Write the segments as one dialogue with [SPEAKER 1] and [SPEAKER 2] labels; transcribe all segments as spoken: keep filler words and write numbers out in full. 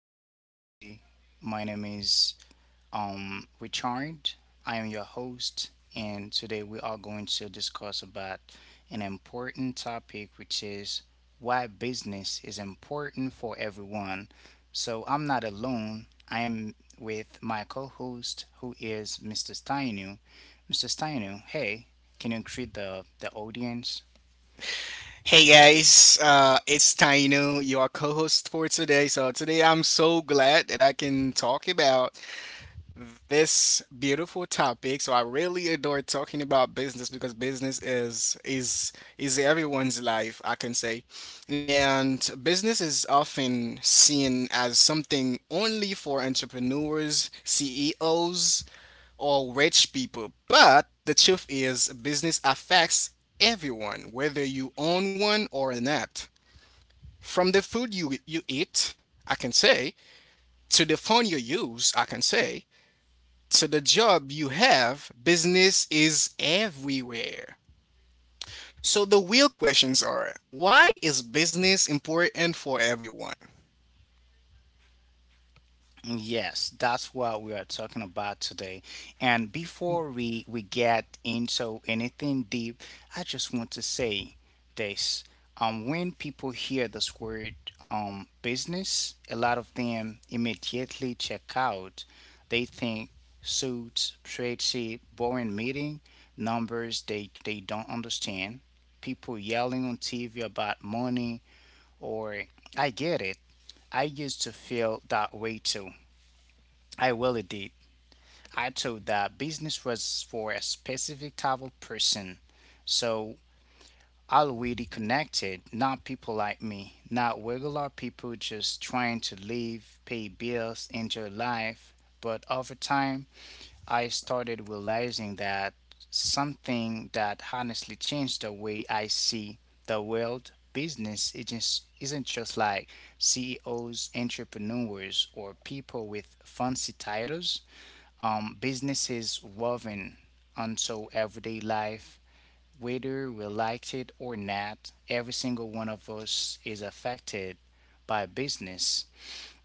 [SPEAKER 1] well today. My name is um, Richard. I am your host, and today we are going to discuss about an important topic, which is why business is important for everyone. So I'm not alone. I am with my co-host, who is Mister Steinu. Mister Steinu, hey, can you greet the the audience?
[SPEAKER 2] Hey guys, uh, it's Taino, your co-host for today. So today I'm so glad that I can talk about this beautiful topic. So I really adore talking about business because business is is is everyone's life, I can say. And business is often seen as something only for entrepreneurs, C E Os, or rich people. But the truth is, business affects everyone, whether you own one or not. From the food you, you eat, I can say, to the phone you use, I can say, to the job you have, business is everywhere. So the real questions are, why is business important for everyone?
[SPEAKER 1] Yes, that's what we are talking about today. And before we we get into anything deep, I just want to say this. Um, when people hear this word um business, a lot of them immediately check out. They think suits, spreadsheet, boring meeting, numbers they they don't understand. People yelling on T V about money, or I get it. I used to feel that way too. I really did. I thought that business was for a specific type of person. So already connected, not people like me, not regular people just trying to live, pay bills, enjoy life. But over time, I started realizing that something that honestly changed the way I see the world business it just isn't just like C E Os, entrepreneurs, or people with fancy titles. um, businesses woven onto everyday life, whether we liked it or not. Every single one of us is affected by business.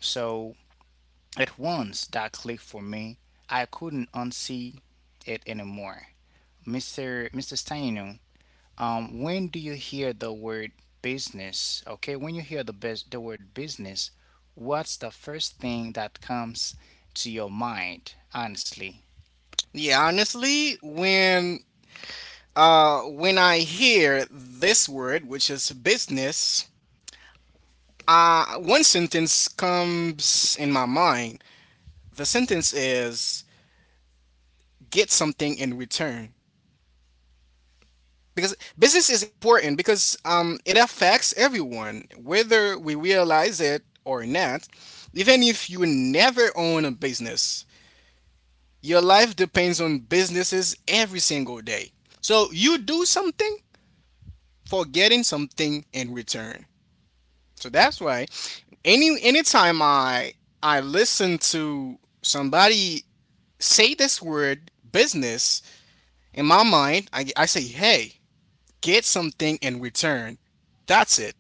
[SPEAKER 1] So at once that clicked for me, I couldn't unsee it anymore. Mister Mister Steino, um, when do you hear the word business? Okay, when you hear the bus- the word business, what's the first thing that comes to your mind? Honestly,
[SPEAKER 2] Yeah, honestly, when uh when I hear this word, which is business, Uh, one sentence comes in my mind. The sentence is, get something in return. Because business is important because um, it affects everyone, whether we realize it or not. Even if you never own a business, your life depends on businesses every single day. So you do something for getting something in return. So that's why any anytime I I listen to somebody say this word business, in my mind, I, I say, hey, get something in return. That's it.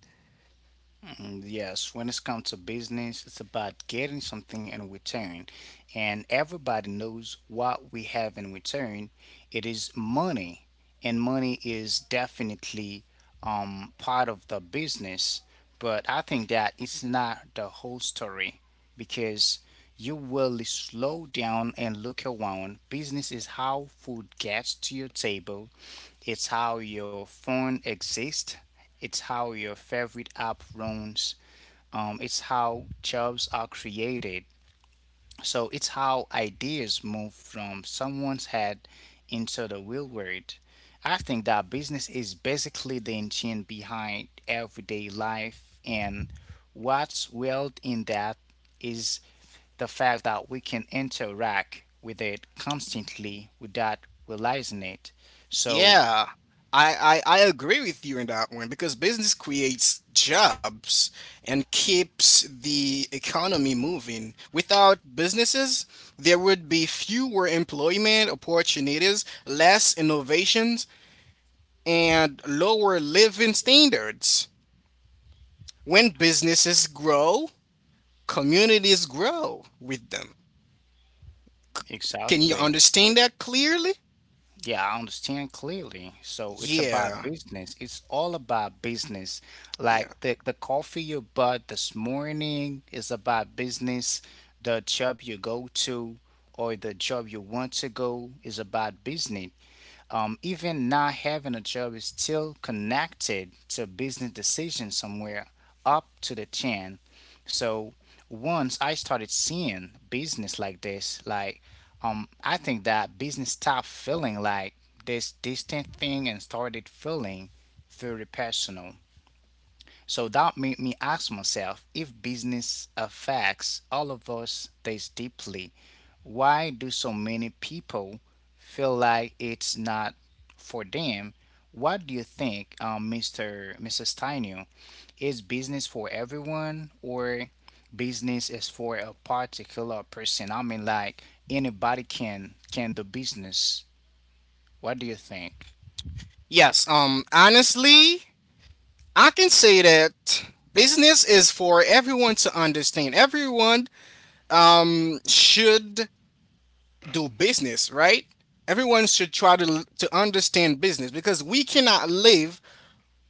[SPEAKER 1] mm, yes, when it comes to business, it's about getting something in return. And everybody knows what we have in return. It is money. And money is definitely, um, part of the business. But I think that it's not the whole story because you will slow down and look around. Business is how food gets to your table, it's how your phone exists, it's how your favorite app runs, um, it's how jobs are created. So it's how ideas move from someone's head into the real world. I think that business is basically the engine behind everyday life, and what's wild in that is the fact that we can interact with it constantly without realizing it. So,
[SPEAKER 2] Yeah, I, I, I agree with you in that one because business creates jobs and keeps the economy moving. Without businesses, there would be fewer employment opportunities, less innovations, and lower living standards. When businesses grow, communities grow with them. Can you
[SPEAKER 1] exactly.
[SPEAKER 2] understand that clearly?
[SPEAKER 1] Yeah, I understand clearly. So it's about
[SPEAKER 2] Yeah.
[SPEAKER 1] business. It's all about business. Like
[SPEAKER 2] Yeah.
[SPEAKER 1] the the coffee you bought this morning is about business. The job you go to or the job you want to go is about business. Um, even not having a job is still connected to business decision somewhere up to the chin. So once I started seeing business like this, like um I think that business stopped feeling like this distant thing and started feeling very personal. So that made me ask myself, if business affects all of us this deeply, why do so many people feel like it's not for them? What do you think, um, Mister Missus Tainu? Is business for everyone, or business is for a particular person? I mean, like anybody can can do business. What do you think?
[SPEAKER 2] Yes. Um honestly, I can say that business is for everyone to understand. Everyone um should do business, right? Everyone should try to to understand business because we cannot live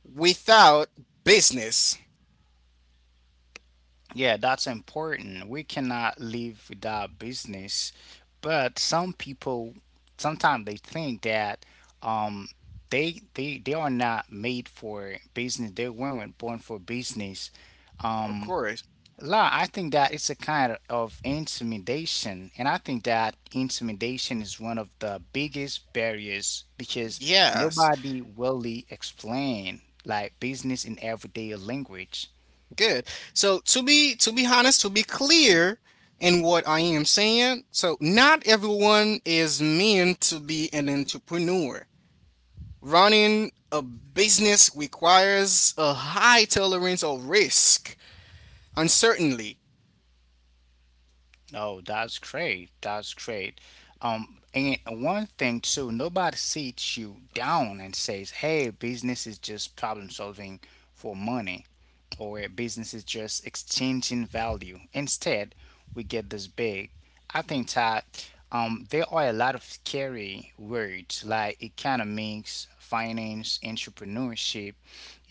[SPEAKER 2] without business.
[SPEAKER 1] Yeah, that's important. We cannot live without business, but some people sometimes they think that, um, they they they are not made for business. They weren't born for business.
[SPEAKER 2] Of
[SPEAKER 1] Um,
[SPEAKER 2] course.
[SPEAKER 1] La, I think that it's a kind of intimidation, and I think that intimidation is one of the biggest barriers because
[SPEAKER 2] Yes.
[SPEAKER 1] nobody really explain like business in everyday language.
[SPEAKER 2] Good. So to be to be honest, to be clear in what I am saying, so not everyone is meant to be an entrepreneur. Running a business requires a high tolerance of risk, uncertainty.
[SPEAKER 1] Oh, that's great. That's great. Um, and one thing too, nobody sits you down and says, "Hey, business is just problem solving for money," or "Business is just exchanging value." Instead, we get this big. I think that, um, there are a lot of scary words like economics, finance, entrepreneurship,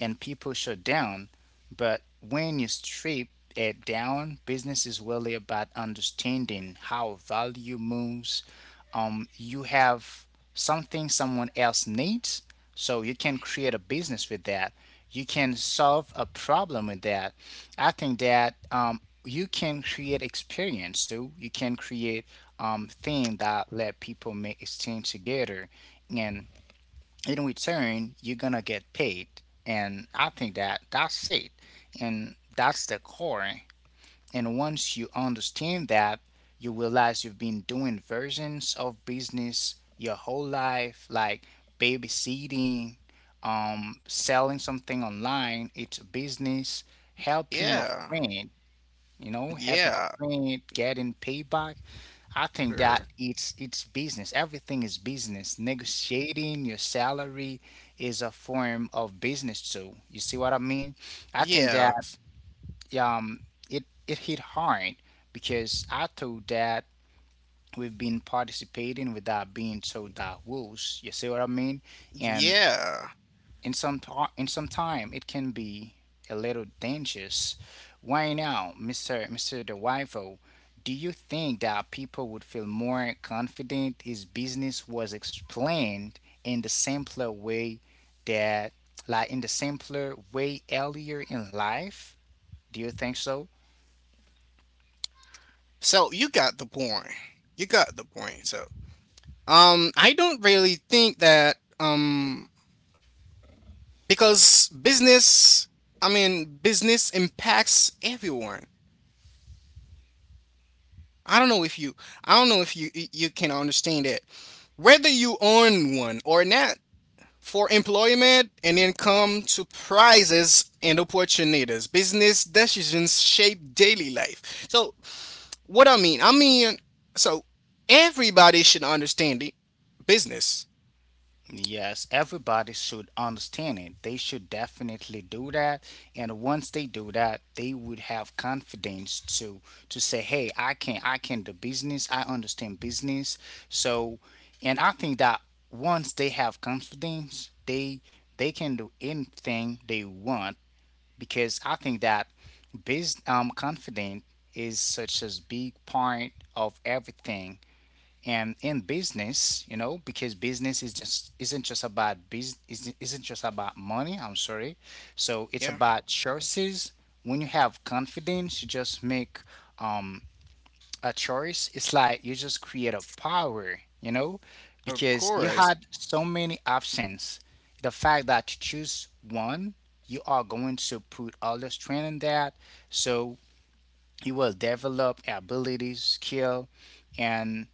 [SPEAKER 1] and people shut down. But when you strip it down, business is really about understanding how value moves. Um, you have something someone else needs, so you can create a business with that. You can solve a problem with that. I think that, um, you can create experience too. You can create, um, thing that let people make exchange together, and in return you're gonna get paid, and I think that that's it, and that's the core. And once you understand that, you realize you've been doing versions of business your whole life, like babysitting, um selling something online, it's a business, helping a
[SPEAKER 2] Yeah.
[SPEAKER 1] friend, you know, helping a
[SPEAKER 2] Yeah.
[SPEAKER 1] friend getting payback. I think that
[SPEAKER 2] Sure.
[SPEAKER 1] it's it's business. Everything is business. Negotiating your salary is a form of business too. You see what I mean? I think that,
[SPEAKER 2] Yeah.
[SPEAKER 1] um it it hit hard because I thought that we've been participating without being told that rules. You see what I mean? And
[SPEAKER 2] Yeah.
[SPEAKER 1] in some ti- in some time it can be a little dangerous. Why now, Mister Mister DeWivo? Do you think that people would feel more confident if business was explained in the simpler way, that like in the simpler way earlier in life? Do you think so?
[SPEAKER 2] So you got the point. You got the point. So um I don't really think that um because business i mean business impacts everyone. I don't know if you i don't know if you you can understand it, whether you own one or not. For employment and income to prizes and opportunities, business decisions shape daily life. So what I mean I mean so everybody should understand it, business.
[SPEAKER 1] Yes, everybody should understand it. They should definitely do that. And once they do that, they would have confidence to to say, "Hey, I can I can do business. I understand business." So, and I think that once they have confidence, they they can do anything they want, because I think that biz um confidence is such a big part of everything and in business, you know, because business is just isn't just about business isn't just about money, I'm sorry. So it's
[SPEAKER 2] Yeah.
[SPEAKER 1] about choices. When you have confidence, you just make, um a choice, it's like you just create a power, you know,
[SPEAKER 2] Of
[SPEAKER 1] because you
[SPEAKER 2] course.
[SPEAKER 1] had so many options. The fact that you choose one, you are going to put all the strength in that. So you will develop abilities, skill, and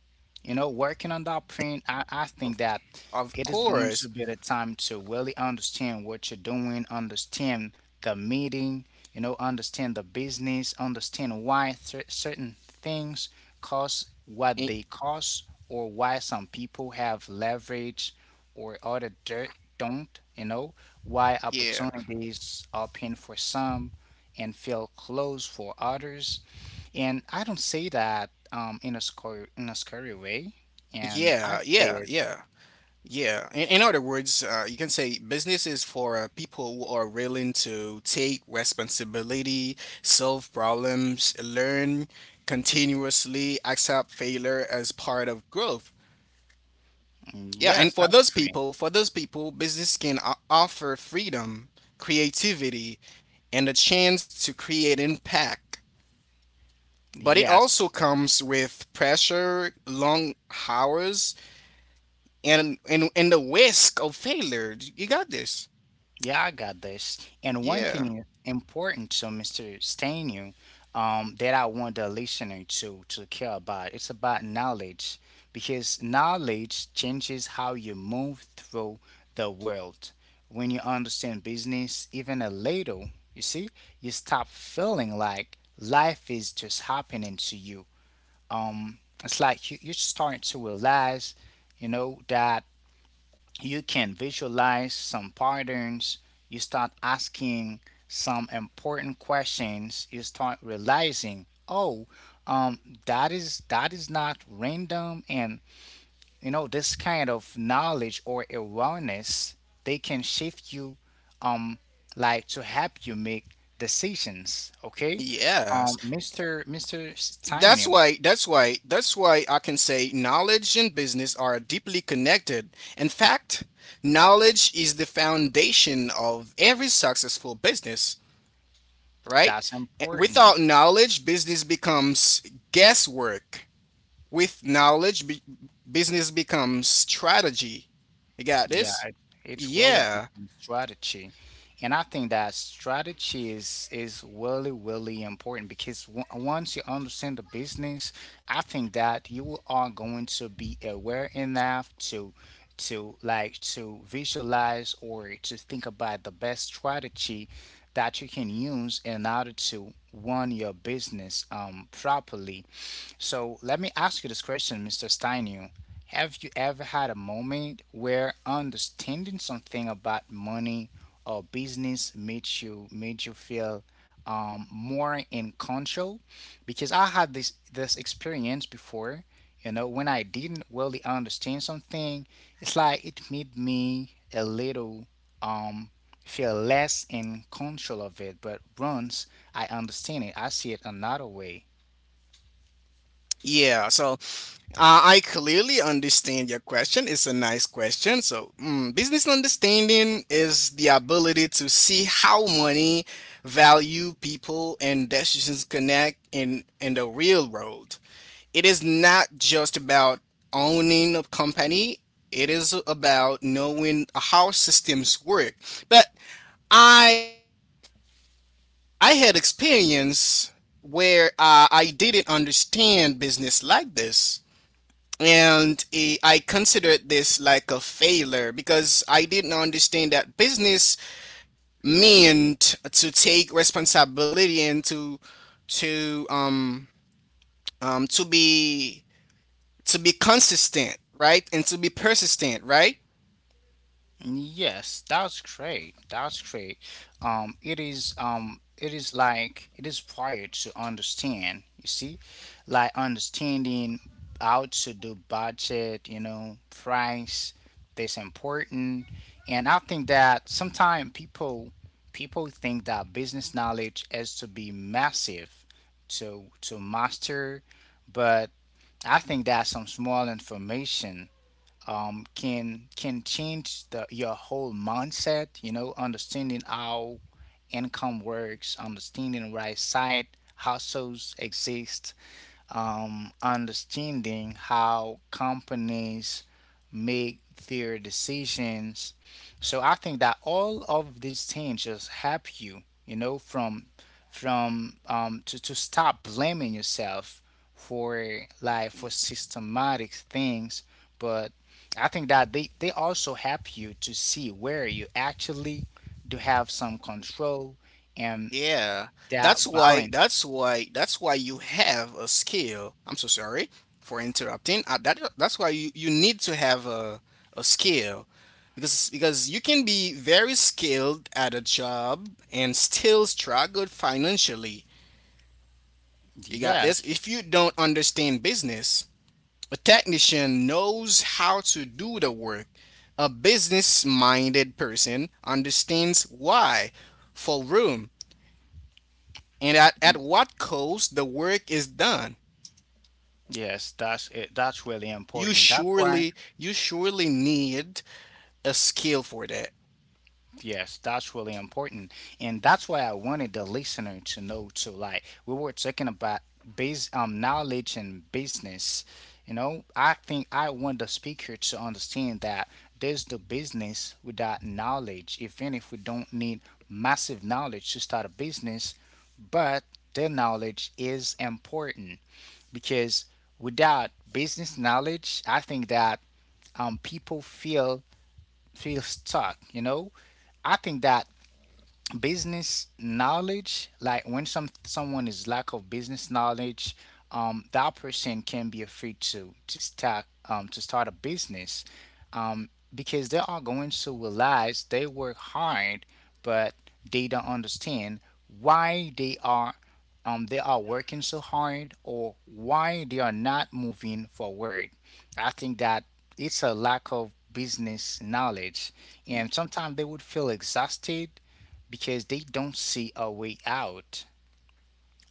[SPEAKER 1] you know, working on that print, I, I
[SPEAKER 2] of,
[SPEAKER 1] think that
[SPEAKER 2] of
[SPEAKER 1] it is going
[SPEAKER 2] course.
[SPEAKER 1] to be the time to really understand what you're doing, understand the meeting, you know, understand the business, understand why cer- certain things cost what
[SPEAKER 2] Y-
[SPEAKER 1] they cost, or why some people have leverage or other dirt don't, you know, why
[SPEAKER 2] yeah.
[SPEAKER 1] opportunities open for some and feel closed for others. And I don't say that, um, in a scary in a scary way. And I
[SPEAKER 2] Yeah,
[SPEAKER 1] say
[SPEAKER 2] yeah,
[SPEAKER 1] it,
[SPEAKER 2] yeah, yeah. In, in other words, uh, you can say business is for uh, people who are willing to take responsibility, solve problems, learn continuously, accept failure as part of growth.
[SPEAKER 1] "Mm,
[SPEAKER 2] Yeah, and
[SPEAKER 1] yes,
[SPEAKER 2] for
[SPEAKER 1] that's
[SPEAKER 2] those
[SPEAKER 1] true.
[SPEAKER 2] people, for those people, business can o- offer freedom, creativity, and a chance to create impact. But it
[SPEAKER 1] Yes,
[SPEAKER 2] also comes with pressure, long hours, and and and the risk of failure. You got this.
[SPEAKER 1] yeah, I got this. And one
[SPEAKER 2] Yeah.
[SPEAKER 1] thing important to Mister Stanu, um, that I want the listener to to care about, it's about knowledge, because knowledge changes how you move through the world. When you understand business, even a little, you see, you stop feeling like life is just happening to you, um, it's like you, you start to realize, you know, that you can visualize some patterns. You start asking some important questions. You start realizing, oh, um, that is that is not random, and you know this kind of knowledge or awareness, they can shift you, um, like to help you make decisions. Okay,
[SPEAKER 2] Yes.
[SPEAKER 1] um, Mister Mister
[SPEAKER 2] That's
[SPEAKER 1] Steiner,
[SPEAKER 2] why that's why that's why I can say knowledge and business are deeply connected. In fact, knowledge is the foundation of every successful business, right?
[SPEAKER 1] that's
[SPEAKER 2] Eh,
[SPEAKER 1] important.
[SPEAKER 2] Without knowledge, business becomes guesswork. With knowledge, b- business becomes strategy. You got
[SPEAKER 1] Yeah,
[SPEAKER 2] this?
[SPEAKER 1] it- it's really
[SPEAKER 2] Yeah.
[SPEAKER 1] become strategy, and I think that strategy is is really really important because w once you understand the business, I think that you are going to be aware enough to to like to visualize or to think about the best strategy that you can use in order to run your business um properly. So let me ask you this question, Mister Steinu. Have you ever had a moment where understanding something about money or business made you made you feel, um, more in control? Because I had this this experience before. You know, when I didn't really understand something, it's like it made me a little, um feel less in control of it. But once I understand it, I see it another way.
[SPEAKER 2] Yeah. So Uh, I clearly understand your question. It's a nice question. So, mm, business understanding is the ability to see how money, value, people, and decisions connect in in the real world. It is not just about owning a company, it is about knowing how systems work. But I I had experience where uh, I didn't understand business like this, and eh, I considered this like a failure because I didn't understand that business meant to take responsibility and to to um um to be to be consistent, right? And to be persistent, right?
[SPEAKER 1] Yes, that's great. That's great. Um, it is, um, it is like it is required to understand. You see, like understanding how to do budget. You know, price. That's important. And I think that sometimes people people think that business knowledge has to be massive to to master, but I think that some small information, um, can can change the your whole mindset. You know, understanding how income works, understanding why side hustles exist, um, understanding how companies make their decisions. So I think that all of these things just help you, you know, from from um, to to stop blaming yourself for like for systematic things, but I think that they, they also help you to see where you actually do have some control and
[SPEAKER 2] Yeah, that's
[SPEAKER 1] that
[SPEAKER 2] why,
[SPEAKER 1] balance.
[SPEAKER 2] that's why, that's why you have a skill. I'm so sorry for interrupting. Uh, that that's why you you need to have a a skill, because because you can be very skilled at a job and still struggle financially. You got this.
[SPEAKER 1] Yes.
[SPEAKER 2] If you don't understand business, a technician knows how to do the work. A business-minded person understands why for room and at, at what cost the work is done.
[SPEAKER 1] Yes, that's it. That's really
[SPEAKER 2] You
[SPEAKER 1] important. That's why.
[SPEAKER 2] surely you surely need a skill for that.
[SPEAKER 1] Yes, that's really important, and that's why I wanted the listener to know too. Like we were talking about base um knowledge and business. You know, I think I want the speaker to understand that there's the business without knowledge. Even if we don't need massive knowledge to start a business, but the knowledge is important because without business knowledge, I think that, um, people feel feel stuck, you know? I think that business knowledge like when some someone is lack of business knowledge, um, that person can be afraid to to start um, to start a business, um, because they are going to realize they work hard but they don't understand why they are, um, they are working so hard or why they are not moving forward. I think that it's a lack of business knowledge, and sometimes they would feel exhausted because they don't see a way out.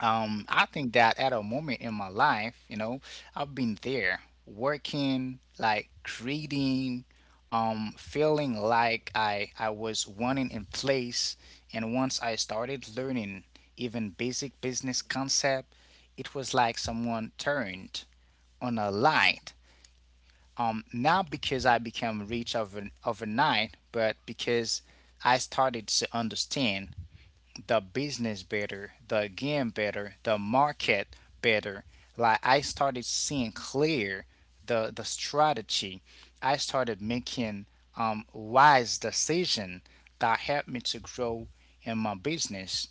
[SPEAKER 1] Um, I think that at a moment in my life, you know, I've been there working, like creating, um, feeling like I, I was wanting in place. And once I started learning even basic business concept, it was like someone turned on a light. Um, not because I became rich over, overnight, but because I started to understand the business better, the game better, the market better. Like I started seeing clear the the strategy. I started making um wise decision that helped me to grow in my business.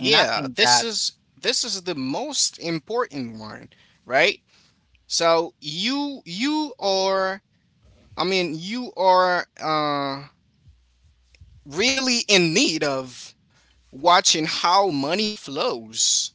[SPEAKER 1] And I
[SPEAKER 2] Yeah,
[SPEAKER 1] think
[SPEAKER 2] this
[SPEAKER 1] that
[SPEAKER 2] is this is the most important one, right? So you you are I mean you are uh really in need of watching how money flows,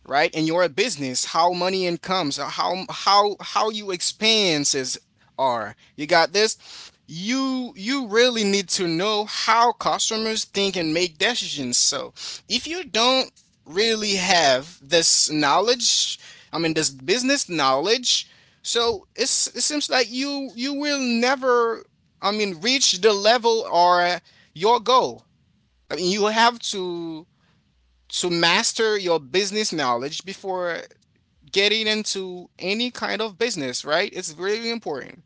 [SPEAKER 2] right? And you're a business, how money incomes, how how how you expenses are. You got this. you you really need to know how customers think and make decisions. So if you don't really have this knowledge, i mean this business knowledge, so it's it seems like you you will never, i mean reach the level or your goal. I mean you have to to master your business knowledge before getting into any kind of business, right? It's very important.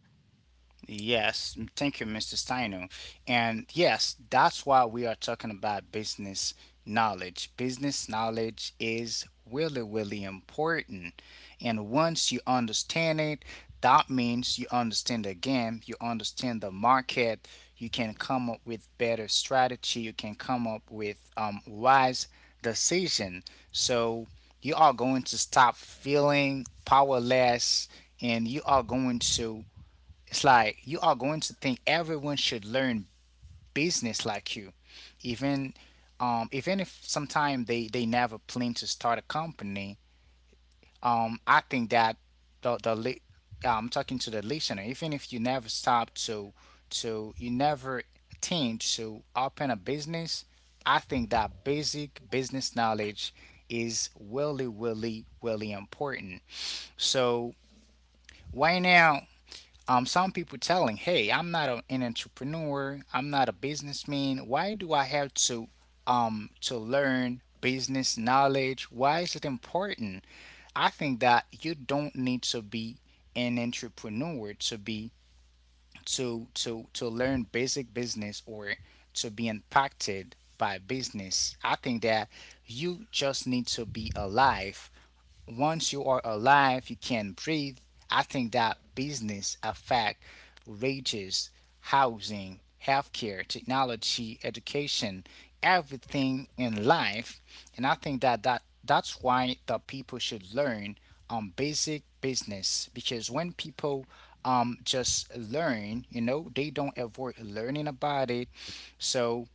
[SPEAKER 1] Yes, m- thank you, mister Steiner. And yes, that's why we are talking about business knowledge. Business knowledge is really, really important. And once you understand it, that means you understand the game, you understand the market, you can come up with better strategy, you can come up with um, wise decision. So you are going to stop feeling powerless and you are going to, it's like you are going to think everyone should learn business like you, even, um, even if sometime they they never plan to start a company. Um, I think that the the li- yeah, I'm talking to the listener. Even if you never stop to to you never intend to open a business, I think that basic business knowledge is really really really important. So right now, um, some people telling, "Hey, I'm not a, an entrepreneur. I'm not a businessman. Why do I have to um to learn business knowledge? Why is it important?" I think that you don't need to be an entrepreneur to be to to to learn basic business or to be impacted by business. I think that you just need to be alive. Once you are alive, you can breathe. I think that business affect wages, housing, healthcare, technology, education, everything in life. And I think that, that that's why the people should learn um basic business, because when people um just learn, you know, they don't avoid learning about it. So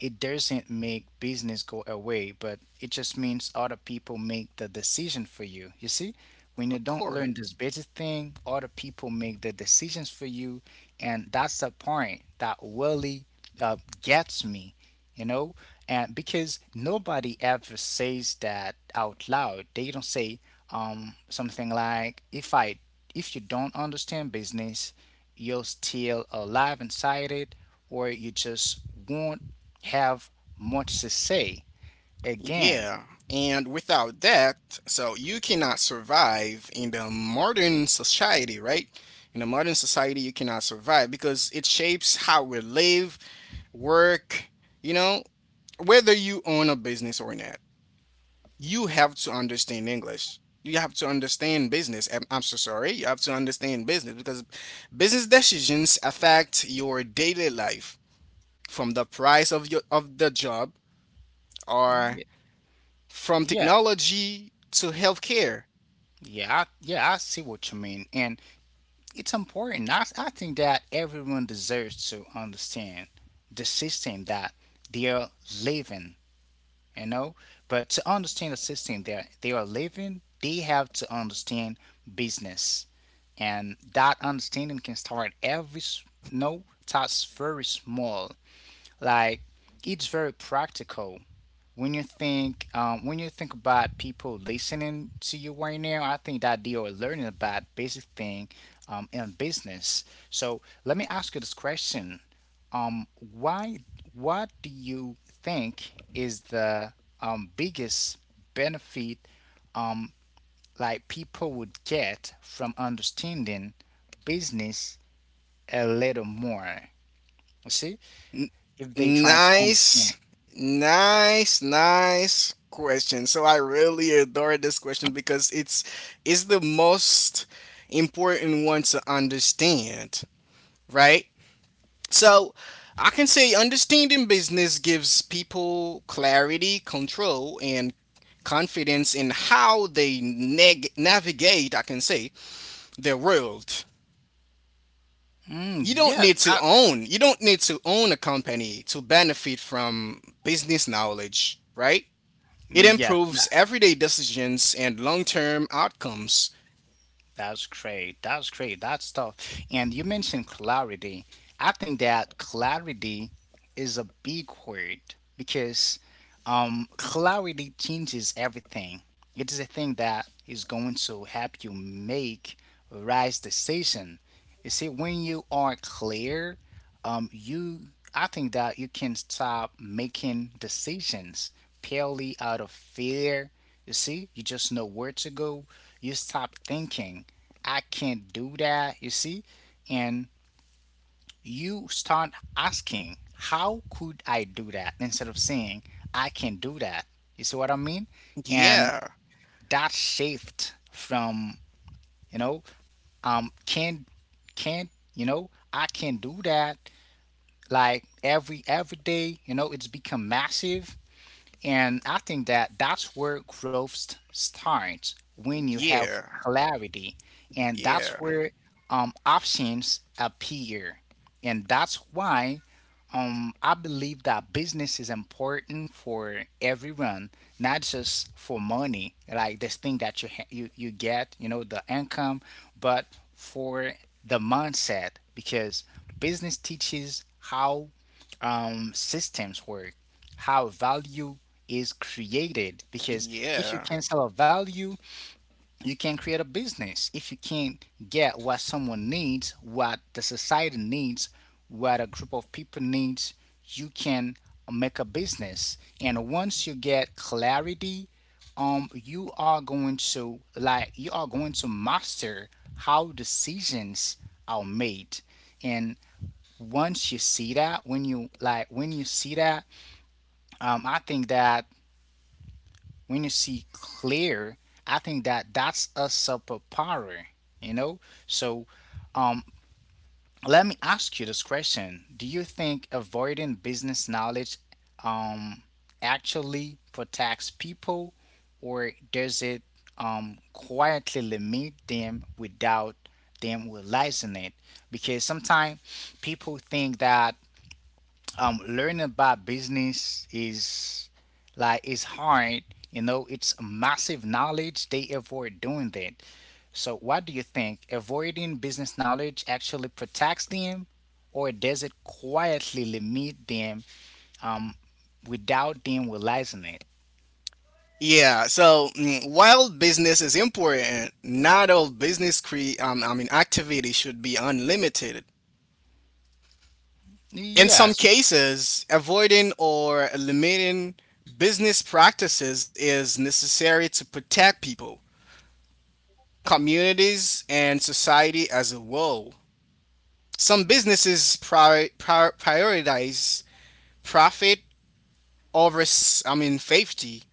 [SPEAKER 1] it doesn't make business go away, but it just means other people make the decision for you. You see, when you
[SPEAKER 2] Of
[SPEAKER 1] don't
[SPEAKER 2] course.
[SPEAKER 1] learn this basic thing, other people make the decisions for you, and that's the point that really uh, gets me. You know, and because nobody ever says that out loud, they don't say um, something like, "If I, if you don't understand business, you're still alive inside it, or you just won't have much to say again.
[SPEAKER 2] Yeah. And without that, so you cannot survive in the modern society, right? In the modern society, you cannot survive because it shapes how we live, work, you know, whether you own a business or not. You have to understand English. You have to understand business. I'm I'm so sorry. You have to understand business because business decisions affect your daily life from the price of your of the job or
[SPEAKER 1] Ye-
[SPEAKER 2] from
[SPEAKER 1] Yes.
[SPEAKER 2] technology to healthcare.
[SPEAKER 1] Yeah, I, yeah, I see what you mean, and it's important. I, I think that everyone deserves to understand the system that they are living, you know. But to understand the system that they are living, they have to understand business, and that understanding can start every s- no, that's very small. Like it's very practical when you think um, when you think about people listening to you right now, I think that they are learning about basic thing um, in business. So let me ask you this question: um, Why? What do you think is the um, biggest benefit, um, like people would get from understanding business a little more? You see,
[SPEAKER 2] N-
[SPEAKER 1] if they try to understand it.
[SPEAKER 2] nice, nice, nice question. So I really adore this question because it's it's the most important one to understand, right? So I can say understanding business gives people clarity, control, and confidence in how they neg- navigate, I can say, the world.
[SPEAKER 1] Mm,
[SPEAKER 2] You don't
[SPEAKER 1] yes,
[SPEAKER 2] need to
[SPEAKER 1] that,
[SPEAKER 2] own, you don't need to own a company to benefit from business knowledge, right? It
[SPEAKER 1] yes,
[SPEAKER 2] improves everyday decisions and long term outcomes.
[SPEAKER 1] that's great. That's great. That's tough. And you mentioned clarity. I think that clarity is a big word because, um, clarity changes everything. It is a thing that is going to help you make right decision. You see, when you are clear, um, you, I think that you can stop making decisions purely out of fear. You see, you just know where to go. You stop thinking I can't do that, you see? And you start asking, how could I do that? Instead of saying, I can do that. You see what I mean? And
[SPEAKER 2] Yeah,
[SPEAKER 1] that shift from, you know, um, can, can't, you know, I can do that. Like every every day, you know, it's become massive. And I think that that's where growth st- starts when you have
[SPEAKER 2] yeah,
[SPEAKER 1] clarity, and that's
[SPEAKER 2] yeah,
[SPEAKER 1] where, um, options appear. And that's why, um, I believe that business is important for everyone, not just for money, like this thing that you ha- you you get, you know, the income, but for the mindset, because business teaches how, um, systems work, how value is created. Because if you
[SPEAKER 2] yeah.
[SPEAKER 1] can sell a value, you can create a business. If you can't get what someone needs, what the society needs, what a group of people needs, you can make a business. And once you get clarity, um, you are going to, like you are going to master how decisions are made, and once you see that, when you like when you see that, um, I think that when you see clear, I think that that's a superpower. You know, so, um, let me ask you this question: Do you think avoiding business knowledge, um, actually protects people, or does it, um, quietly limit them without them realizing it? Because sometimes people think that, um, learning about business is like it's hard. You know, it's massive knowledge. They avoid doing that. So, what do you think? Avoiding business knowledge actually protects them, or does it quietly limit them, um, without them realizing it?
[SPEAKER 2] Yeah, so mm, while business is important, not all business cre- um, I mean activity should be unlimited. In some
[SPEAKER 1] Yes.
[SPEAKER 2] cases, avoiding or limiting business practices is necessary to protect people, communities, and society as a whole. Some businesses prior- prior- prioritize profit over, s- I mean, safety.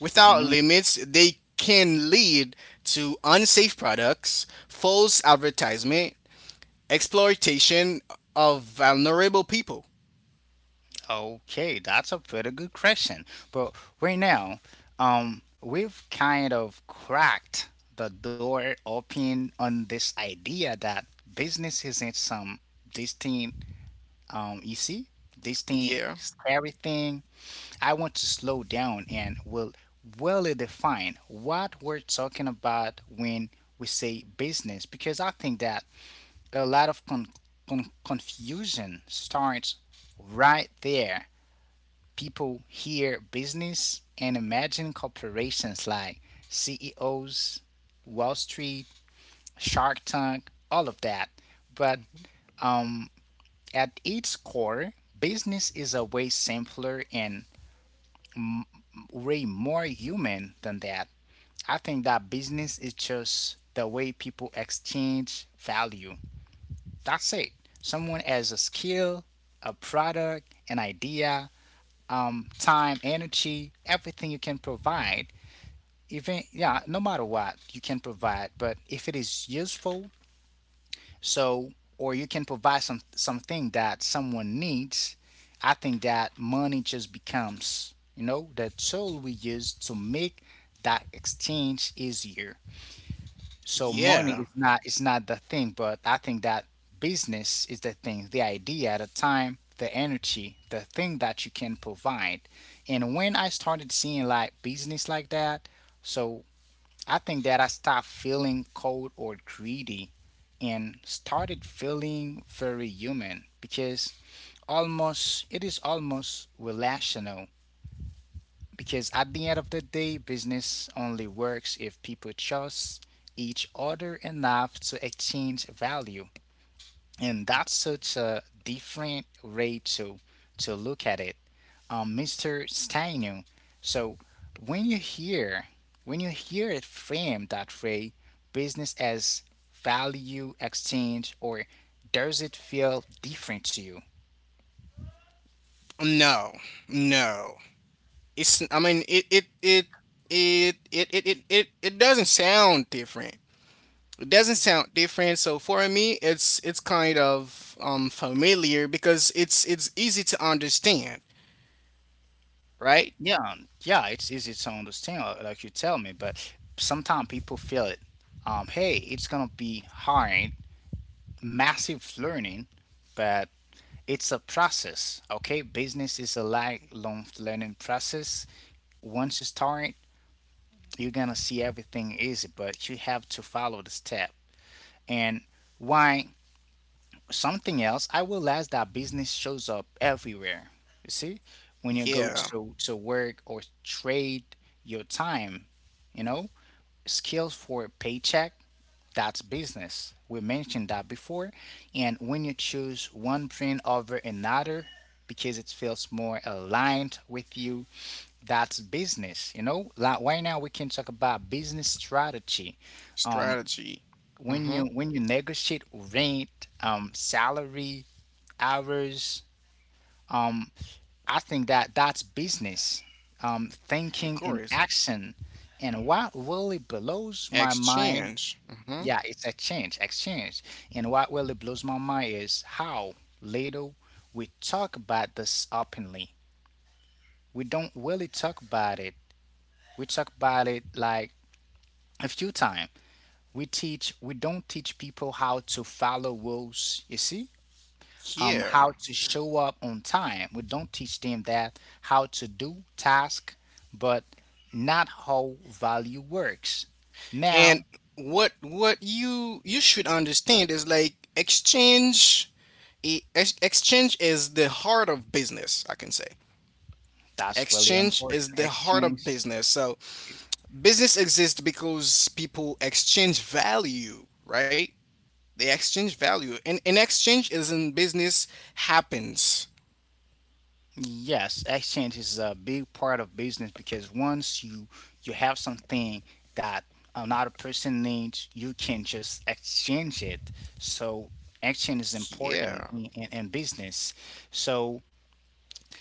[SPEAKER 2] Without limits, they can lead to unsafe products, false advertisement, exploitation of vulnerable people.
[SPEAKER 1] Okay, that's a pretty good question. But right now, um, we've kind of cracked the door open on this idea that business isn't some distinct, um, you see, distinct,
[SPEAKER 2] Yeah.
[SPEAKER 1] scary thing. I want to slow down and will really define what we're talking about when we say business, because I think that a lot of con- con- confusion starts right there. People hear business and imagine corporations like C E Os, Wall Street, Shark Tank, all of that. But,
[SPEAKER 2] Mhm.
[SPEAKER 1] um, at its core, business is a way simpler and way more human than that. I think that business is just the way people exchange value. That's it. Someone has a skill, a product, an idea, um, time, energy, everything you can provide. Even yeah no matter what you can provide but if it is useful, so or you can provide some something that someone needs. I think that money just becomes, you know, the tool we use to make that exchange easier. So money
[SPEAKER 2] Yeah.
[SPEAKER 1] is not is not the thing, but I think that business is the thing, the idea, the time, the energy, the thing that you can provide. And when I started seeing like business like that, so I think that I stopped feeling cold or greedy and started feeling very human, because almost, it is almost relational, because at the end of the day business only works if people trust each other enough to exchange value, and that's such a different way to to look at it, um, Mr. Steinu. So when you hear, when you hear it framed that way, business as value exchange, or does it feel different to you?
[SPEAKER 2] No. No. It's I mean it it it it it it it it, it doesn't sound different. It doesn't sound different. So for me it's it's kind of um familiar because it's it's easy to understand, right?
[SPEAKER 1] Yeah, yeah, it's easy to understand, uh, like you tell me, but sometimes people feel it, um, hey it's gonna be hard, massive learning, but it's a process. Okay, business is a lifelong learning process. Once you start, you're gonna see everything easy, but you have to follow the step. And why something else? I realized that business shows up everywhere. You see, when you go
[SPEAKER 2] Yeah.
[SPEAKER 1] to to work or trade your time, you know, skills for a paycheck, that's business. We mentioned that before. And when you choose one brand over another because it feels more aligned with you, that's business. You know, like right now we can talk about business strategy. Um,
[SPEAKER 2] Strategy.
[SPEAKER 1] when you
[SPEAKER 2] Mhm.
[SPEAKER 1] when you negotiate rent, um, salary, hours, um, I think that that's business. Um,
[SPEAKER 2] Of
[SPEAKER 1] thinking in
[SPEAKER 2] course.
[SPEAKER 1] action. And what really blows my mind,
[SPEAKER 2] Exchange. Hmm.
[SPEAKER 1] yeah, it's exchange, exchange. And what really blows my mind is how little we talk about this openly. We don't really talk about it. We talk about it like a few times. We teach, we don't teach people how to follow rules, you see? Um, how
[SPEAKER 2] Yeah.
[SPEAKER 1] to show up on time. We don't teach them that, how to do task, but not how value works. Now,
[SPEAKER 2] And what what you you should understand is like exchange, e- ex- exchange is the heart of business, I can say.
[SPEAKER 1] that's really
[SPEAKER 2] Exchange
[SPEAKER 1] important.
[SPEAKER 2] is the heart of
[SPEAKER 1] Exchange,
[SPEAKER 2] business. So business exists because people exchange value, right? They exchange value. And an exchange is in business happens.
[SPEAKER 1] yes, exchange is a big part of business, because once you you have something that another person needs, you can just exchange it. So exchange is important
[SPEAKER 2] Yeah.
[SPEAKER 1] in, in, in business. So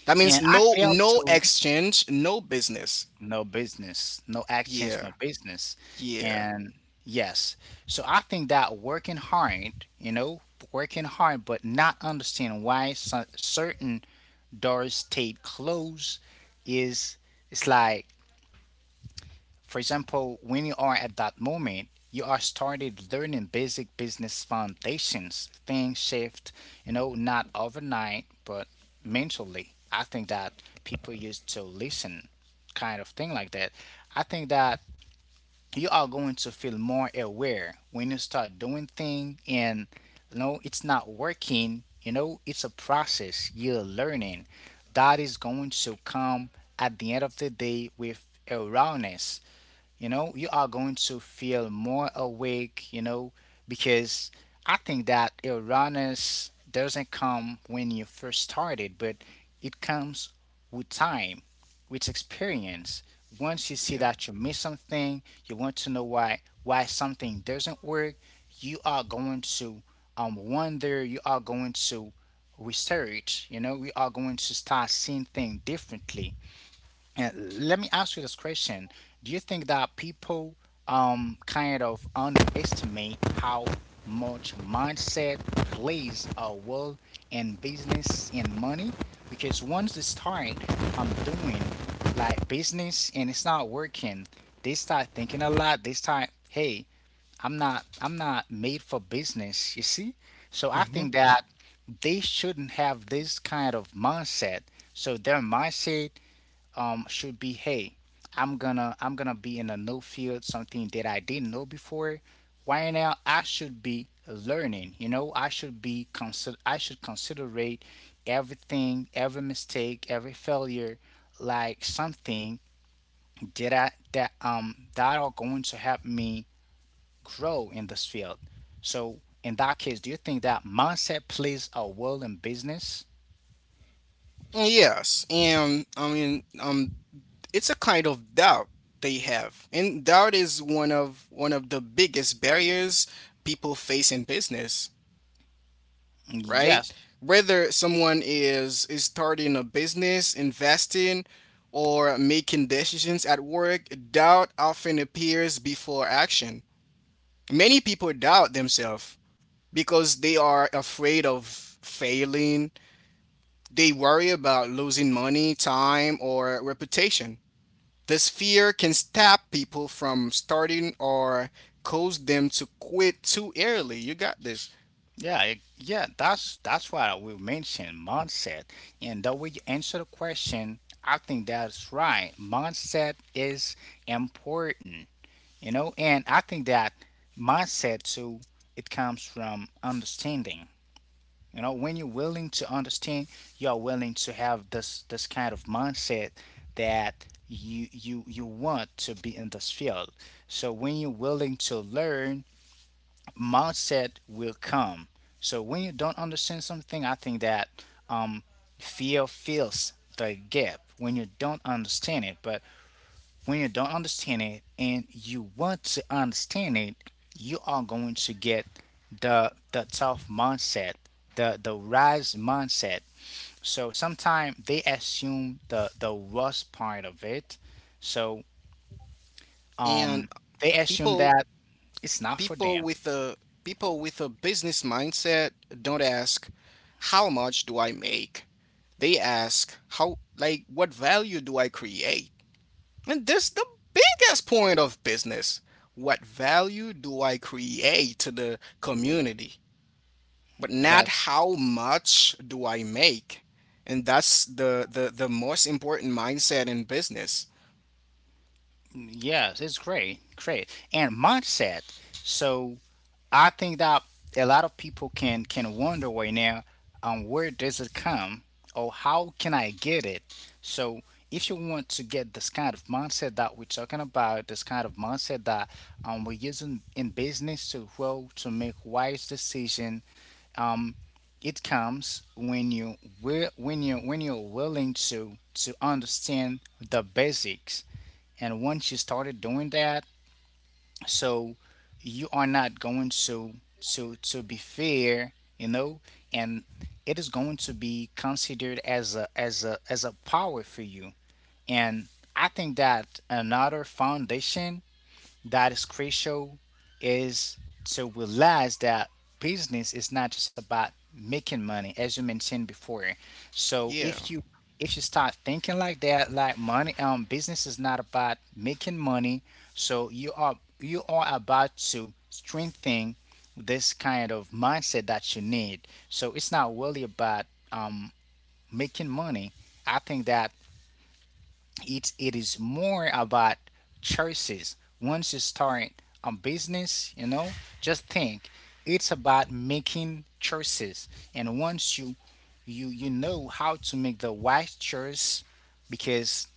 [SPEAKER 2] That means
[SPEAKER 1] and I
[SPEAKER 2] no
[SPEAKER 1] failed
[SPEAKER 2] no
[SPEAKER 1] to
[SPEAKER 2] exchange, no business.
[SPEAKER 1] no business, no actions,
[SPEAKER 2] Yeah.
[SPEAKER 1] no business.
[SPEAKER 2] Yeah.
[SPEAKER 1] And Yes, so I think that working hard, you know, working hard, but not understanding why so- certain doors stayed closed is, it's like, for example, when you are at that moment, you are started learning basic business foundations. Things shift, you know, not overnight, but mentally. I think that people used to listen, kind of thing like that. I think that you are going to feel more aware when you start doing things and you know it's not working. You know, it's a process you're learning that is going to come at the end of the day with awareness. You know, you are going to feel more awake, you know, because I think that awareness doesn't come when you first started, but it comes with time, with experience. Once you see
[SPEAKER 2] Yeah.
[SPEAKER 1] that you miss something, you want to know why, why something doesn't work, you are going to um wonder, you are going to research, you know, we are going to start seeing things differently. uh, Let me ask you this question. Do you think that people um kind of underestimate how much mindset plays a role in business and money? Because once they start um doing like business and it's not working, they start thinking a lot. They start, hey, I'm not I'm not made for business, you see? So I
[SPEAKER 2] Hmm.
[SPEAKER 1] think that they shouldn't have this kind of mindset. So their mindset, um, should be, hey, i'm gonna i'm gonna be in a new field, something that I didn't know before. Why now I should be learning, you know, i should be consider I should considerate everything, every mistake, every failure, like something that I that um that are going to help me grow in this field. So in that case, do you think that mindset plays a role in business?
[SPEAKER 2] Yes, and I mean, um, it's a kind of doubt they have, and doubt is one of one of the biggest barriers people face in business,
[SPEAKER 1] Mm,
[SPEAKER 2] right?
[SPEAKER 1] yes.
[SPEAKER 2] Whether someone is is starting a business, investing, or making decisions at work, doubt often appears before action. Many people doubt themselves because they are afraid of failing. They worry about losing money, time, or reputation. This fear can stop people from starting or cause them to quit too early. You got this.
[SPEAKER 1] Yeah, it- yeah, that's that's why we mentioned mindset. And the way you answer the question, I think that's right. Mindset is important, you know, and I think that mindset too, it comes from understanding. You know, when you're willing to understand, you're willing to have this this kind of mindset that you you you want to be in this field. So when you're willing to learn, mindset will come. So when you don't understand something, I think that um, fear fills the gap when you don't understand it. But when you don't understand it and you want to understand it, you are going to get the the tough mindset, the the rise mindset. So sometimes they assume the the worst part of it. So
[SPEAKER 2] And
[SPEAKER 1] um, they assume
[SPEAKER 2] people
[SPEAKER 1] that it's not for
[SPEAKER 2] people
[SPEAKER 1] them.
[SPEAKER 2] with a people with a business mindset don't ask, how much do I make? They ask, how, like, what value do I create? And this the biggest point of business. What value do I create to the community? But not
[SPEAKER 1] That
[SPEAKER 2] how much do I make. And that's the the the most important mindset in business.
[SPEAKER 1] yes, it's great, great. And mindset. So I think that a lot of people can can wonder right now, um, where does it come or how can I get it? So if you want to get this kind of mindset that we're talking about, this kind of mindset that, um, we're using in business to grow, to make wise decision, um, it comes when you wi- when you when you're willing to to understand the basics. And once you started doing that, so you are not going to to to be fair, you know. And it is going to be considered as a as a as a power for you. And I think that another foundation that is crucial is to realize that business is not just about making money, as you mentioned before. So if
[SPEAKER 2] Yeah,
[SPEAKER 1] you, if you start thinking like that, like money, um, business is not about making money, so you are you are about to strengthen this kind of mindset that you need. So it's not really about, um, making money. I think that it it is more about choices. Once you start a business, you know, just think it's about making choices. And once you, you you know how to make the right choice. Because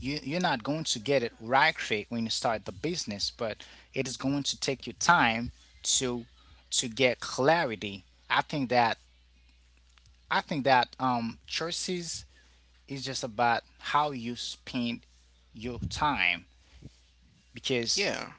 [SPEAKER 1] you, you're not going to get it right quick when you start the business, but it is going to take you time to to get clarity. I think that i think that um choices, it's just about how you spend your time, because
[SPEAKER 2] yeah.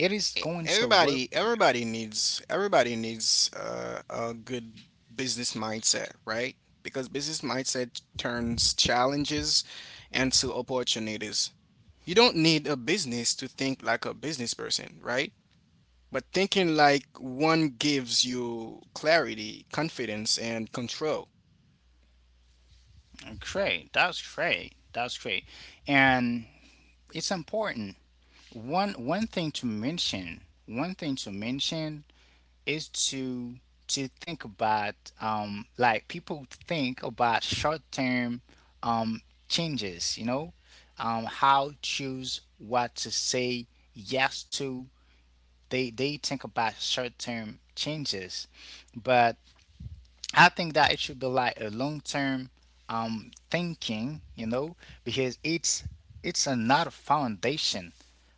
[SPEAKER 1] it is
[SPEAKER 2] E-
[SPEAKER 1] going to work
[SPEAKER 2] Everybody
[SPEAKER 1] for you.
[SPEAKER 2] everybody needs everybody needs uh, a good business mindset, right? Because business mindset turns challenges into opportunities. You don't need a business to think like a business person, right? But thinking like one gives you clarity, confidence, and control.
[SPEAKER 1] Great. That's great. That's great. And it's important. One one thing to mention, one thing to mention is to to think about, um, like people think about short term, um changes, you know? Um how choose what to say yes to. They they think about short term changes, but I think that it should be like a long term, um thinking, you know, because it's it's another foundation.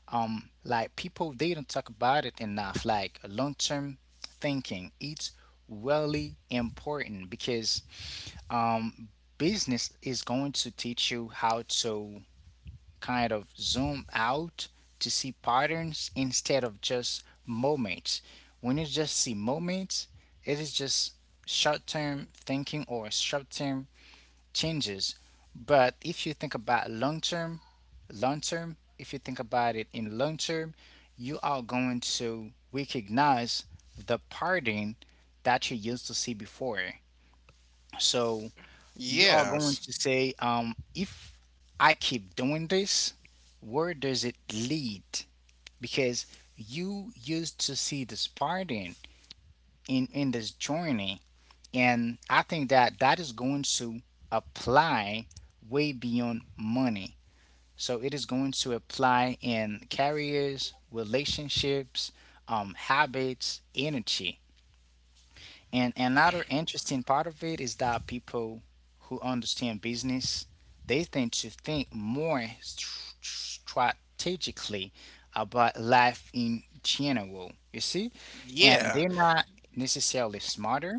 [SPEAKER 1] Um, like people, they don't talk about it enough. Like long term thinking. It's really important because, um business is going to teach you how to kind of zoom out to see patterns instead of just moments. When you just see moments, it is just short term thinking or short term changes. But if you think about long term, long term, if you think about it in long term, you are going to recognize the pattern that you used to see before. So you are going
[SPEAKER 2] Yes.
[SPEAKER 1] to say, um, if I keep doing this, where does it lead? Because you used to see this pattern in, in this journey. And I think that that is going to apply way beyond money. So it is going to apply in careers, relationships, um, habits, energy. And another interesting part of it is that people who understand business, they tend to think more str- strategically about life in general, you see? And
[SPEAKER 2] Yeah.
[SPEAKER 1] they're not necessarily smarter.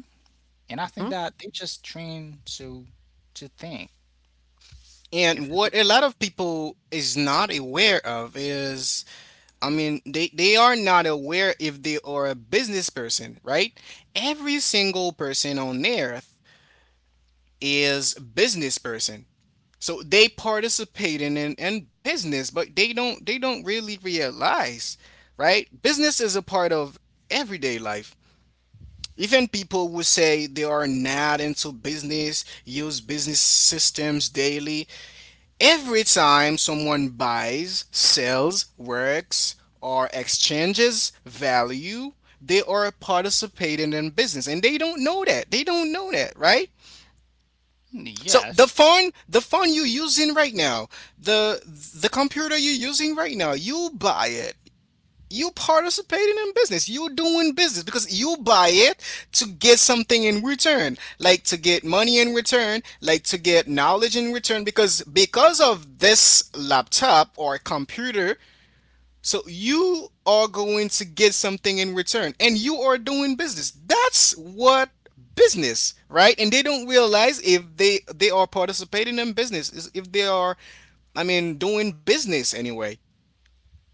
[SPEAKER 1] And I think
[SPEAKER 2] Hmm.
[SPEAKER 1] that they just train to to think. If
[SPEAKER 2] And what a lot of people is not aware of is, I mean, they, they are not aware if they are a business person, right? Every single person on earth is business person. So they participating in in business, but they don't they don't really realize, right? Business is a part of everyday life. Even people who say they are not into business, use business systems daily. Every time someone buys, sells, works, or exchanges value, they are participating in business. And they don't know that. They don't know that, right? So the
[SPEAKER 1] yes,
[SPEAKER 2] phone, the phone you using right now, the the computer you're using right now, you buy it. You participating in business. You doing business because you buy it to get something in return, like to get money in return, like to get knowledge in return. Because because of this laptop or computer, so you are going to get something in return and you are doing business. That's what business, right? And they don't realize if they they are participating in business, is if they are, I mean doing business anyway.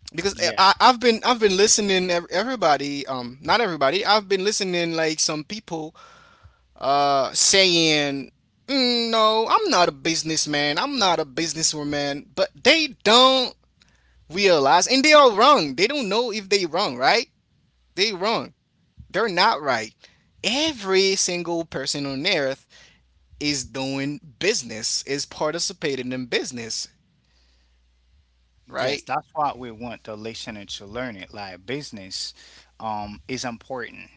[SPEAKER 2] Because
[SPEAKER 1] yeah,
[SPEAKER 2] I, I've been I've been listening everybody um not everybody I've been listening like some people uh saying, "Mm, no, I'm not a businessman, I'm not a businesswoman," but they don't realize, and they are wrong. They don't know if they wrong, right, they wrong. They're not right. Every single person on earth is doing business, is participating in business,
[SPEAKER 1] yes,
[SPEAKER 2] right?
[SPEAKER 1] that's what we want the listener to learn it. Like business, um, is important.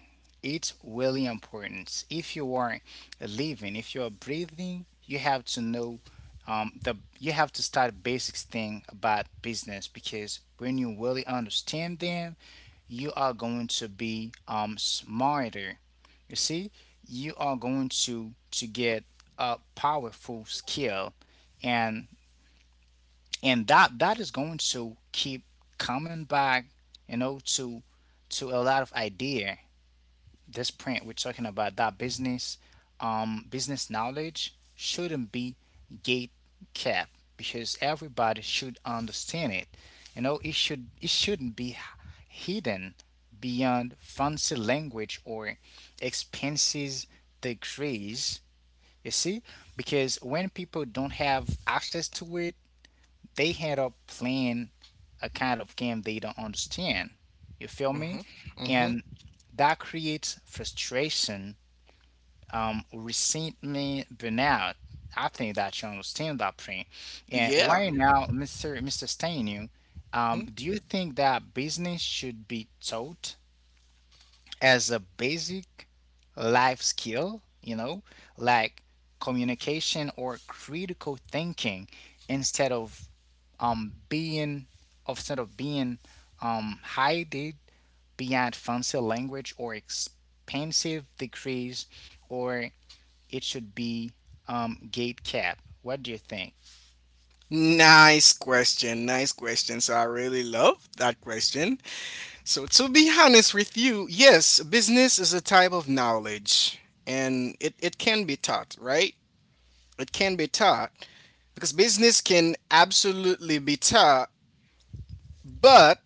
[SPEAKER 1] It's really important. If you are living, if you are breathing, you have to know, um, the, you have to start basics thing about business, because when you really understand them, you are going to be, um, smarter. You see, you are going to to get a powerful skill. and and that that is going to keep coming back, you know, to to a lot of idea this print we're talking about, that business, um, business knowledge shouldn't be gate kept, because everybody should understand it. You know, it should, it shouldn't be hidden beyond fancy language or expenses degrees, you see, because when people don't have access to it, they end up playing a kind of game they don't understand. You feel
[SPEAKER 2] Mm-hmm.
[SPEAKER 1] me?
[SPEAKER 2] Mm-hmm.
[SPEAKER 1] And that creates frustration, um, resentment, burnout. I think that you understand that, Prince. And
[SPEAKER 2] Yeah.
[SPEAKER 1] why now, Mr. Mister Stainu, um,
[SPEAKER 2] Mhm.
[SPEAKER 1] do you think that business should be taught as a basic life skill, you know, like communication or critical thinking, instead of, um being, instead of being, um, hided behind fancy language or expensive degrees, or it should be, um, gate cap? What do you think?
[SPEAKER 2] Nice question. Nice question. So I really love that question. So to be honest with you, yes, business is a type of knowledge and it, it can be taught, right? It can be taught because business can absolutely be taught, but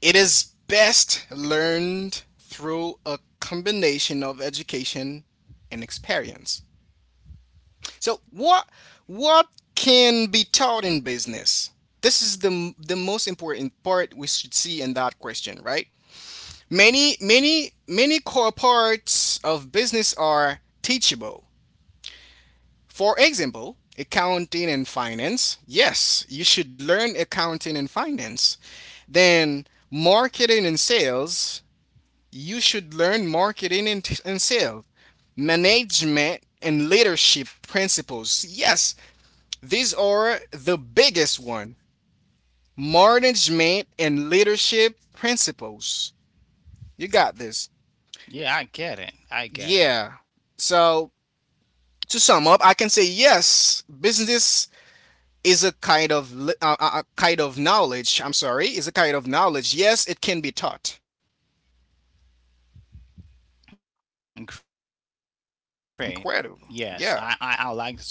[SPEAKER 2] it is best learned through a combination of education and experience. So what what can be taught in business? This is the the most important part we should see in that question, right? Many many many core parts of business are teachable. For example, accounting and finance. Yes, you should learn accounting and finance. Then marketing and sales. You should learn marketing and, and sales, management and leadership principles. Yes, these are the biggest one. Management and leadership principles. You got this.
[SPEAKER 1] Yeah, I get it. I get it.
[SPEAKER 2] Yeah. So to sum up, I can say yes, business is a kind of li- uh, uh, a kind of knowledge. I'm sorry, is a kind of knowledge. Yes, it can be taught.
[SPEAKER 1] Great. Yes, I, I, I like this question. Um,
[SPEAKER 2] Incredible.
[SPEAKER 1] it can
[SPEAKER 2] Yeah.
[SPEAKER 1] be taught in.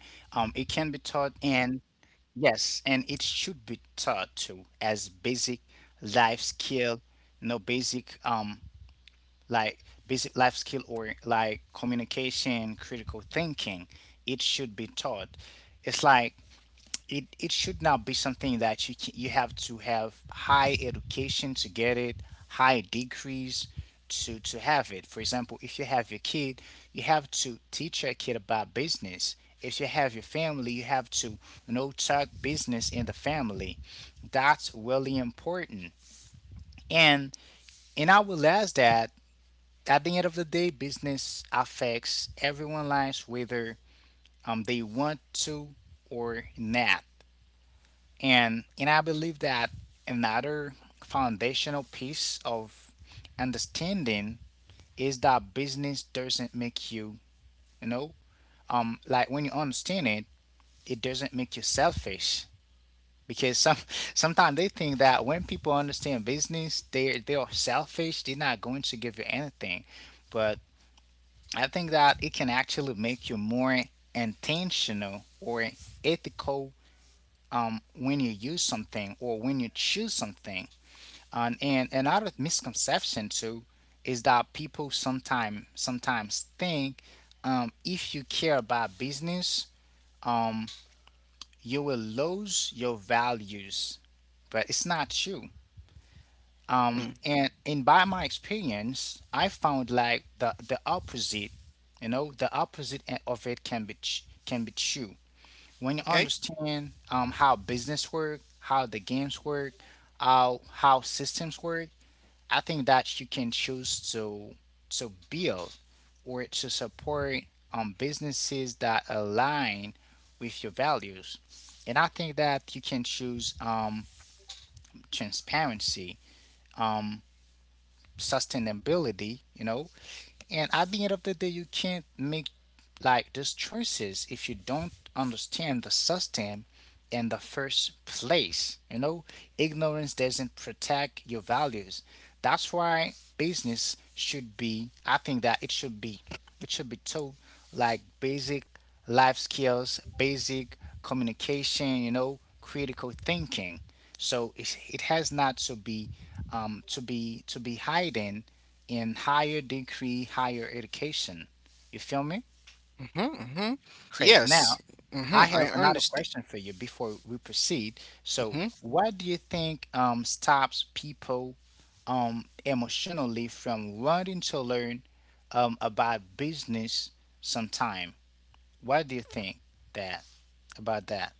[SPEAKER 1] Yes, and it should be taught too as basic life skill, no basic, um, like basic life skill or like communication, critical thinking. It should be taught. It's like it it should not be something that you can, you have to have high education to get it, high degrees to to have it. For example, if you have your kid, you have to teach your kid about business. If you have your family, you have to, you know, talk business in the family. That's really important. And and I will ask that at the end of the day, business affects everyone's lives, whether, um, they want to or not. And and I believe that another foundational piece of understanding is that business doesn't make you, you know, um, like when you understand it, it doesn't make you selfish. Because some sometimes they think that when people understand business, they they are selfish, they're not going to give you anything. But I think that it can actually make you more intentional or ethical, um, when you use something or when you choose something. And, and another misconception too is that people sometimes sometimes think, um, if you care about business, um, you will lose your values, but it's not true. Um,
[SPEAKER 2] Mm.
[SPEAKER 1] and and by my experience, I found like the the opposite. You know, the opposite e- of it can be tr- can be true. When you
[SPEAKER 2] Okay.
[SPEAKER 1] understand, um, how business work, how the games work, how how systems work, I think that you can choose to to build or to support, um, businesses that align with your values. And I think that you can choose, um, transparency, um, sustainability, you know, and at the end of the day, you can't make like those choices if you don't understand the system in the first place. You know, ignorance doesn't protect your values. That's why business should be, I think that it should be, it should be taught like basic life skills, basic communication, you know, critical thinking. So it, it has not to be, um, to be to be hiding in higher degree, higher education. You feel me?
[SPEAKER 2] Mm-hmm, mm-hmm.
[SPEAKER 1] Great. Now,
[SPEAKER 2] Yes. Mm-hmm.
[SPEAKER 1] I
[SPEAKER 2] I
[SPEAKER 1] have another
[SPEAKER 2] understand.
[SPEAKER 1] question for you before we proceed. So,
[SPEAKER 2] Mm-hmm.
[SPEAKER 1] what do you think um, stops people um, emotionally from wanting to learn um, about business sometime? What do you think that about that?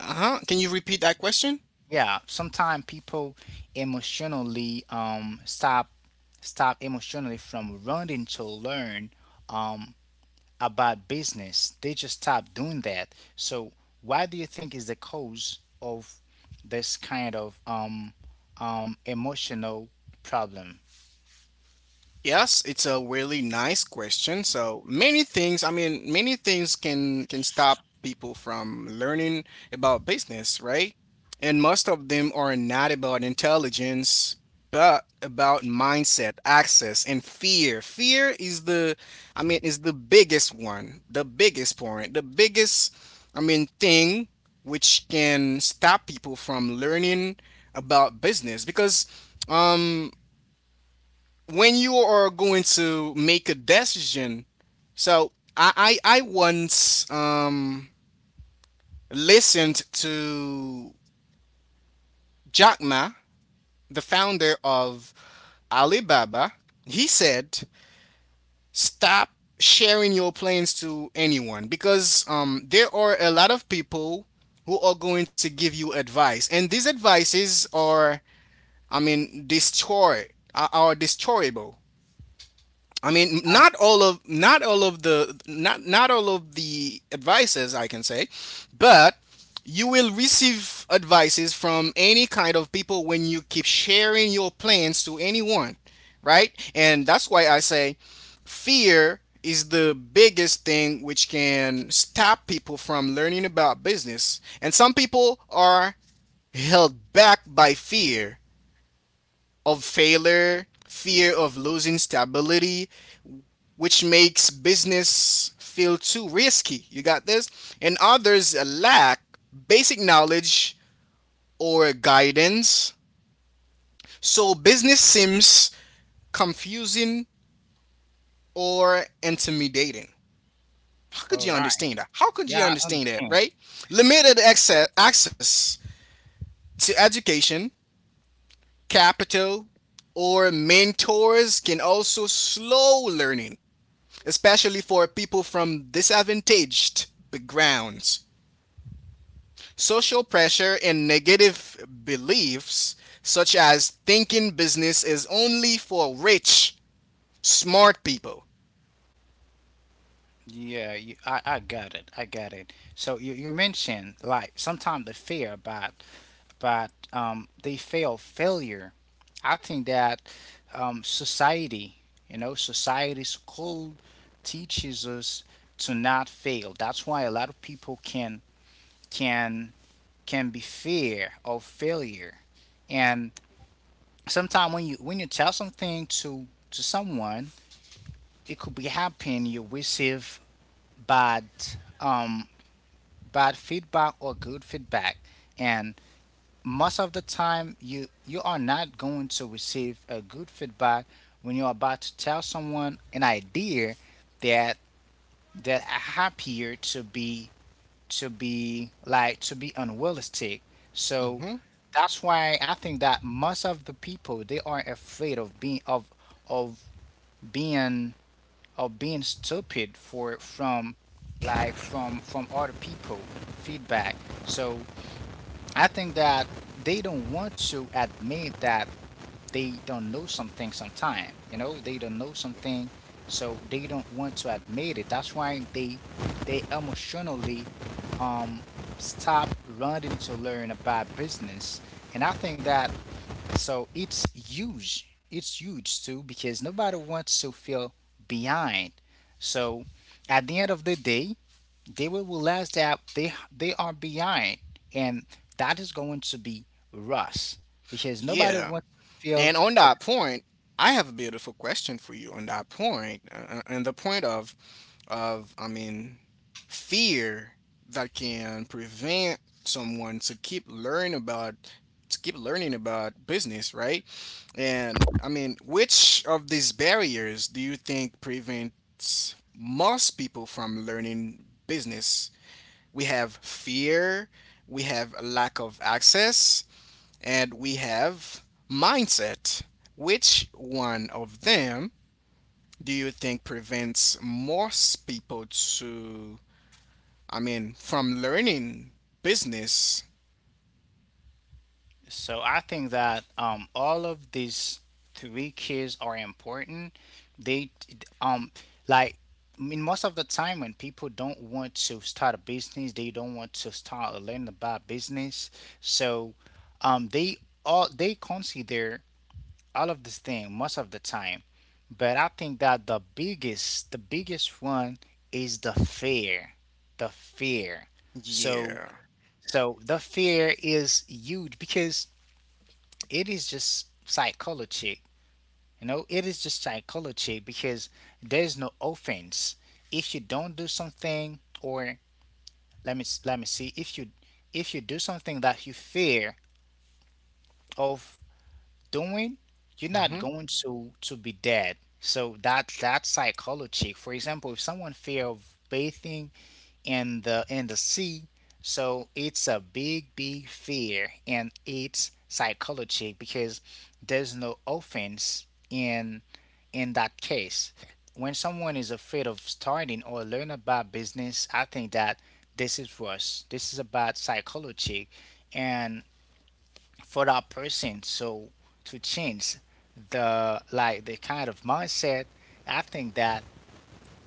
[SPEAKER 2] Uh-huh. Can you repeat that question?
[SPEAKER 1] Yeah, sometimes people emotionally um, stop stop emotionally from wanting to learn um, about business. They just stopped doing that. So what do you think is the cause of this kind of um um emotional problem?
[SPEAKER 2] Yes, it's a really nice question. So many things, I mean, many things can can stop people from learning about business, right? And most of them are not about intelligence, but about mindset, access, and fear. Fear is the, I mean, is the biggest one, the biggest point, the biggest, I mean, thing which can stop people from learning about business because um when you are going to make a decision, so I I, I once um listened to Jack Ma, the founder of Alibaba. He said, "Stop sharing your plans to anyone because um there are a lot of people who are going to give you advice, and these advices are, I mean, destroy are, are destroyable. I mean, not all of not all of the not not all of the advices I can say, but you will receive advices from any kind of people when you keep sharing your plans to anyone, right? And that's why I say fear is the biggest thing which can stop people from learning about business. And some people are held back by fear of failure, fear of losing stability, which makes business feel too risky. You got this? And others lack basic knowledge or guidance. So business seems confusing or intimidating. How could
[SPEAKER 1] All
[SPEAKER 2] you
[SPEAKER 1] right.
[SPEAKER 2] understand that? How could you
[SPEAKER 1] Yeah, I
[SPEAKER 2] understand that,
[SPEAKER 1] understand.
[SPEAKER 2] right? Limited access, access to education, capital, or mentors can also slow learning, especially for people from disadvantaged backgrounds. Social pressure and negative beliefs, such as thinking business is only for rich, smart people.
[SPEAKER 1] Yeah, you, I, I got it. I got it. So you, you mentioned like sometimes they fear but but um they fail failure. I think that um society, you know, society school teaches us to not fail. That's why a lot of people can can can be fear of failure and sometimes when you when you tell something to to someone it could be happening you receive bad um bad feedback or good feedback, and most of the time you you are not going to receive a good feedback when you're about to tell someone an idea that that are happier to be to be like to be unrealistic. So
[SPEAKER 2] hmm
[SPEAKER 1] that's why I think that most of the people they are afraid of being of of being of being stupid for from like from from other people feedback. So I think that they don't want to admit that they don't know something sometime. You know, they don't know something, so they don't want to admit it. That's why they they emotionally um, stop running to learn about business. And I think that so it's huge. It's huge too because nobody wants to feel behind. So at the end of the day, they will realize that they they are behind, and that is going to be rust because nobody
[SPEAKER 2] Yeah.
[SPEAKER 1] wants to feel.
[SPEAKER 2] And on that point, I have a beautiful question for you on that point, uh, and the point of, of I mean, fear that can prevent someone to keep learning about to keep learning about business, right? And I mean, which of these barriers do you think prevents most people from learning business? We have fear, we have a lack of access, and we have mindset. Which one of them do you think prevents most people to, I mean, from learning business?
[SPEAKER 1] So I think that um, all of these three keys are important. They um like I mean most of the time when people don't want to start a business, they don't want to start or learn about business. So um they all they consider all of this thing most of the time. But I think that the biggest the biggest one is the fear. The fear. So
[SPEAKER 2] Yeah.
[SPEAKER 1] so the fear is huge because it is just psychology. You know, it is just psychology because there's no offense. If you don't do something, or let me let me see, if you if you do something that you fear of doing, you're not
[SPEAKER 2] hmm
[SPEAKER 1] going to to be dead. So that that's psychology. For example, if someone fear of bathing, in the in the sea. So it's a big, big fear, and it's psychological because there's no offense in in that case. When someone is afraid of starting or learn about business, I think that this is worse. This is about psychology, and for that person, so to change the like the kind of mindset, I think that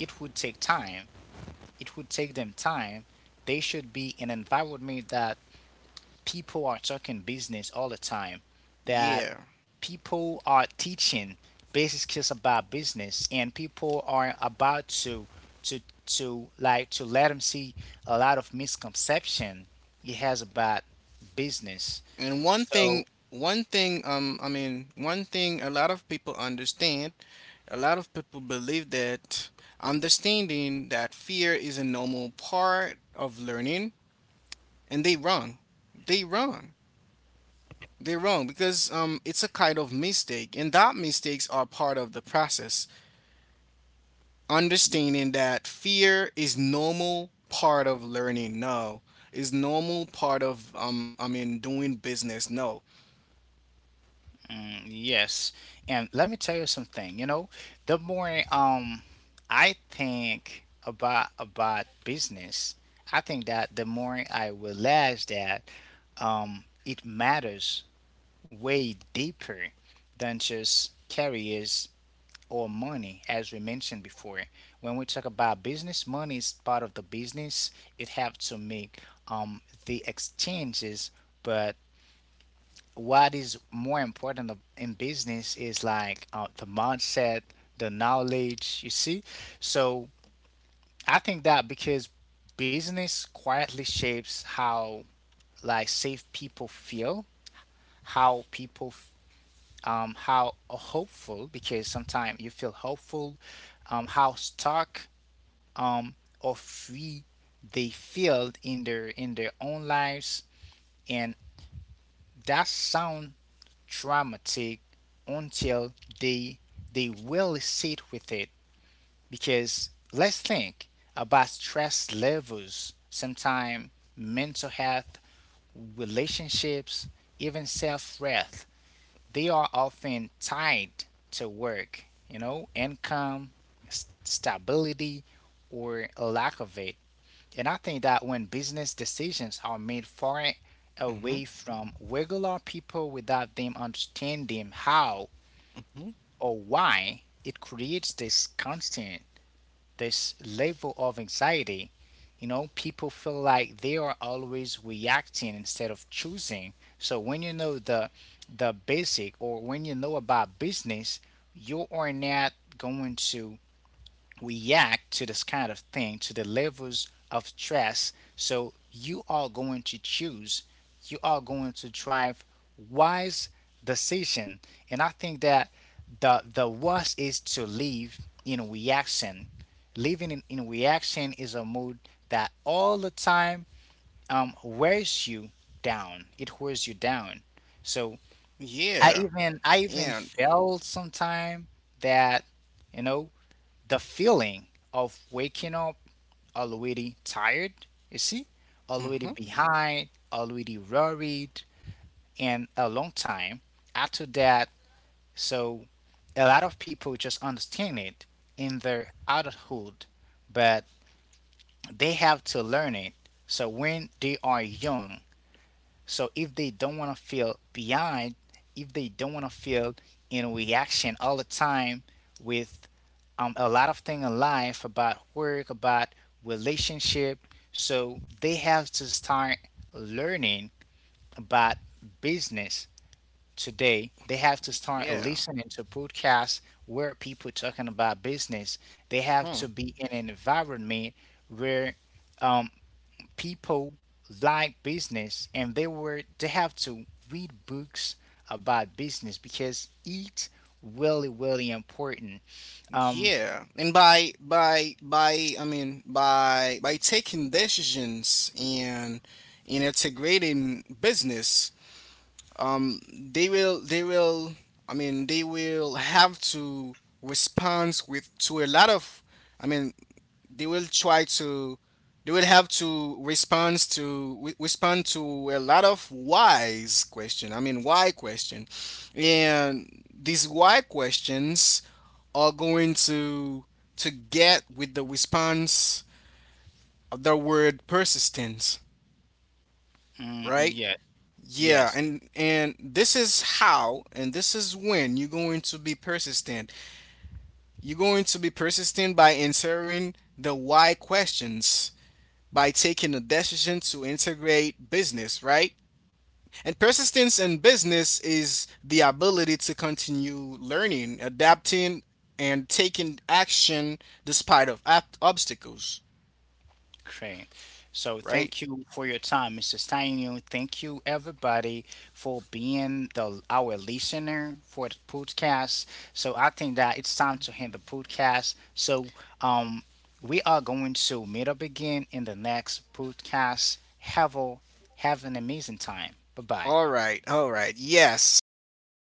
[SPEAKER 1] it would take time it would take them time. They should be in an environment that people are talking business all the time, that
[SPEAKER 2] Yeah.
[SPEAKER 1] people are teaching basic skills about business, and people are about to to to like to let them see a lot of misconception he has about business.
[SPEAKER 2] And one
[SPEAKER 1] So
[SPEAKER 2] thing, one thing, um, I mean, one thing a lot of people understand, a lot of people believe that understanding that fear is a normal part of learning, and they wrong. They wrong. They're wrong because um, it's a kind of mistake, and that mistakes are part of the process. Understanding that fear is normal part of learning. No, is normal part of um, I mean, doing business. No.
[SPEAKER 1] mm, yes. And let me tell you something, you know, the more um I think about about business, I think that the more I realize that um it matters way deeper than just carriers or money as we mentioned before. When we talk about business, money is part of the business. It have to make um the exchanges, but what is more important of- in business is like uh, the mindset, the knowledge, you see? So I think that because business quietly shapes how like safe people feel, how people f- um how uh, hopeful because sometimes you feel hopeful, um how stuck um or free they feel in their in their own lives, and that sound traumatic until they they will sit with it because let's think about stress levels, sometimes mental health, relationships, even self-worth, they are often tied to work, you know, income, s- stability, or a lack of it. And I think that when business decisions are made far
[SPEAKER 2] Mm-hmm.
[SPEAKER 1] away from regular people without them understanding how
[SPEAKER 2] Mm-hmm.
[SPEAKER 1] or why, it creates this constant, this level of anxiety. You know, people feel like they are always reacting instead of choosing. So when you know the the basic or when you know about business, you are not going to react to this kind of thing, to the levels of stress. So you are going to choose, you are going to drive wise decision. And I think that the the worst is to live in reaction. Living in, in reaction is a mood that all the time um, wears you down. It wears you down. So I
[SPEAKER 2] Yeah.
[SPEAKER 1] even I even
[SPEAKER 2] And
[SPEAKER 1] felt sometime that you know the feeling of waking up already tired, you see, already
[SPEAKER 2] mm-hmm.
[SPEAKER 1] behind, already worried, and a long time after that. So a lot of people just understand it in their adulthood, but they have to learn it. So when they are young, so if they don't want to feel behind, if they don't want to feel in reaction all the time with um, a lot of things in life about work, about relationship. So they have to start learning about business today. They have to start
[SPEAKER 2] Yeah.
[SPEAKER 1] listening to podcasts where people talking about business. They have
[SPEAKER 2] Huh.
[SPEAKER 1] to be in an environment where um, people like business, and they were they have to read books about business because it's really really important um
[SPEAKER 2] Yeah. And by by by I mean by by taking decisions and and integrating business um they will they will I mean they will have to respond with to a lot of I mean they will try to they will have to respond to re- respond to a lot of whys question I mean why question and these why questions are going to to get with the response of the word persistence,
[SPEAKER 1] mm,
[SPEAKER 2] right?
[SPEAKER 1] yeah.
[SPEAKER 2] Yeah,
[SPEAKER 1] Yes,
[SPEAKER 2] and and this is how, and this is when you're going to be persistent. You're going to be persistent by answering the why questions, by taking a decision to integrate business, right? And persistence in business is the ability to continue learning, adapting, and taking action despite of ab- obstacles,
[SPEAKER 1] great. So
[SPEAKER 2] right?
[SPEAKER 1] thank you for your time, mister Steinu. Thank you everybody for being the our listener for the podcast. So I think that it's time to end the podcast. So um we are going to meet up again in the next podcast. Have a have an amazing time. Bye bye.
[SPEAKER 2] All right, all right. Yes,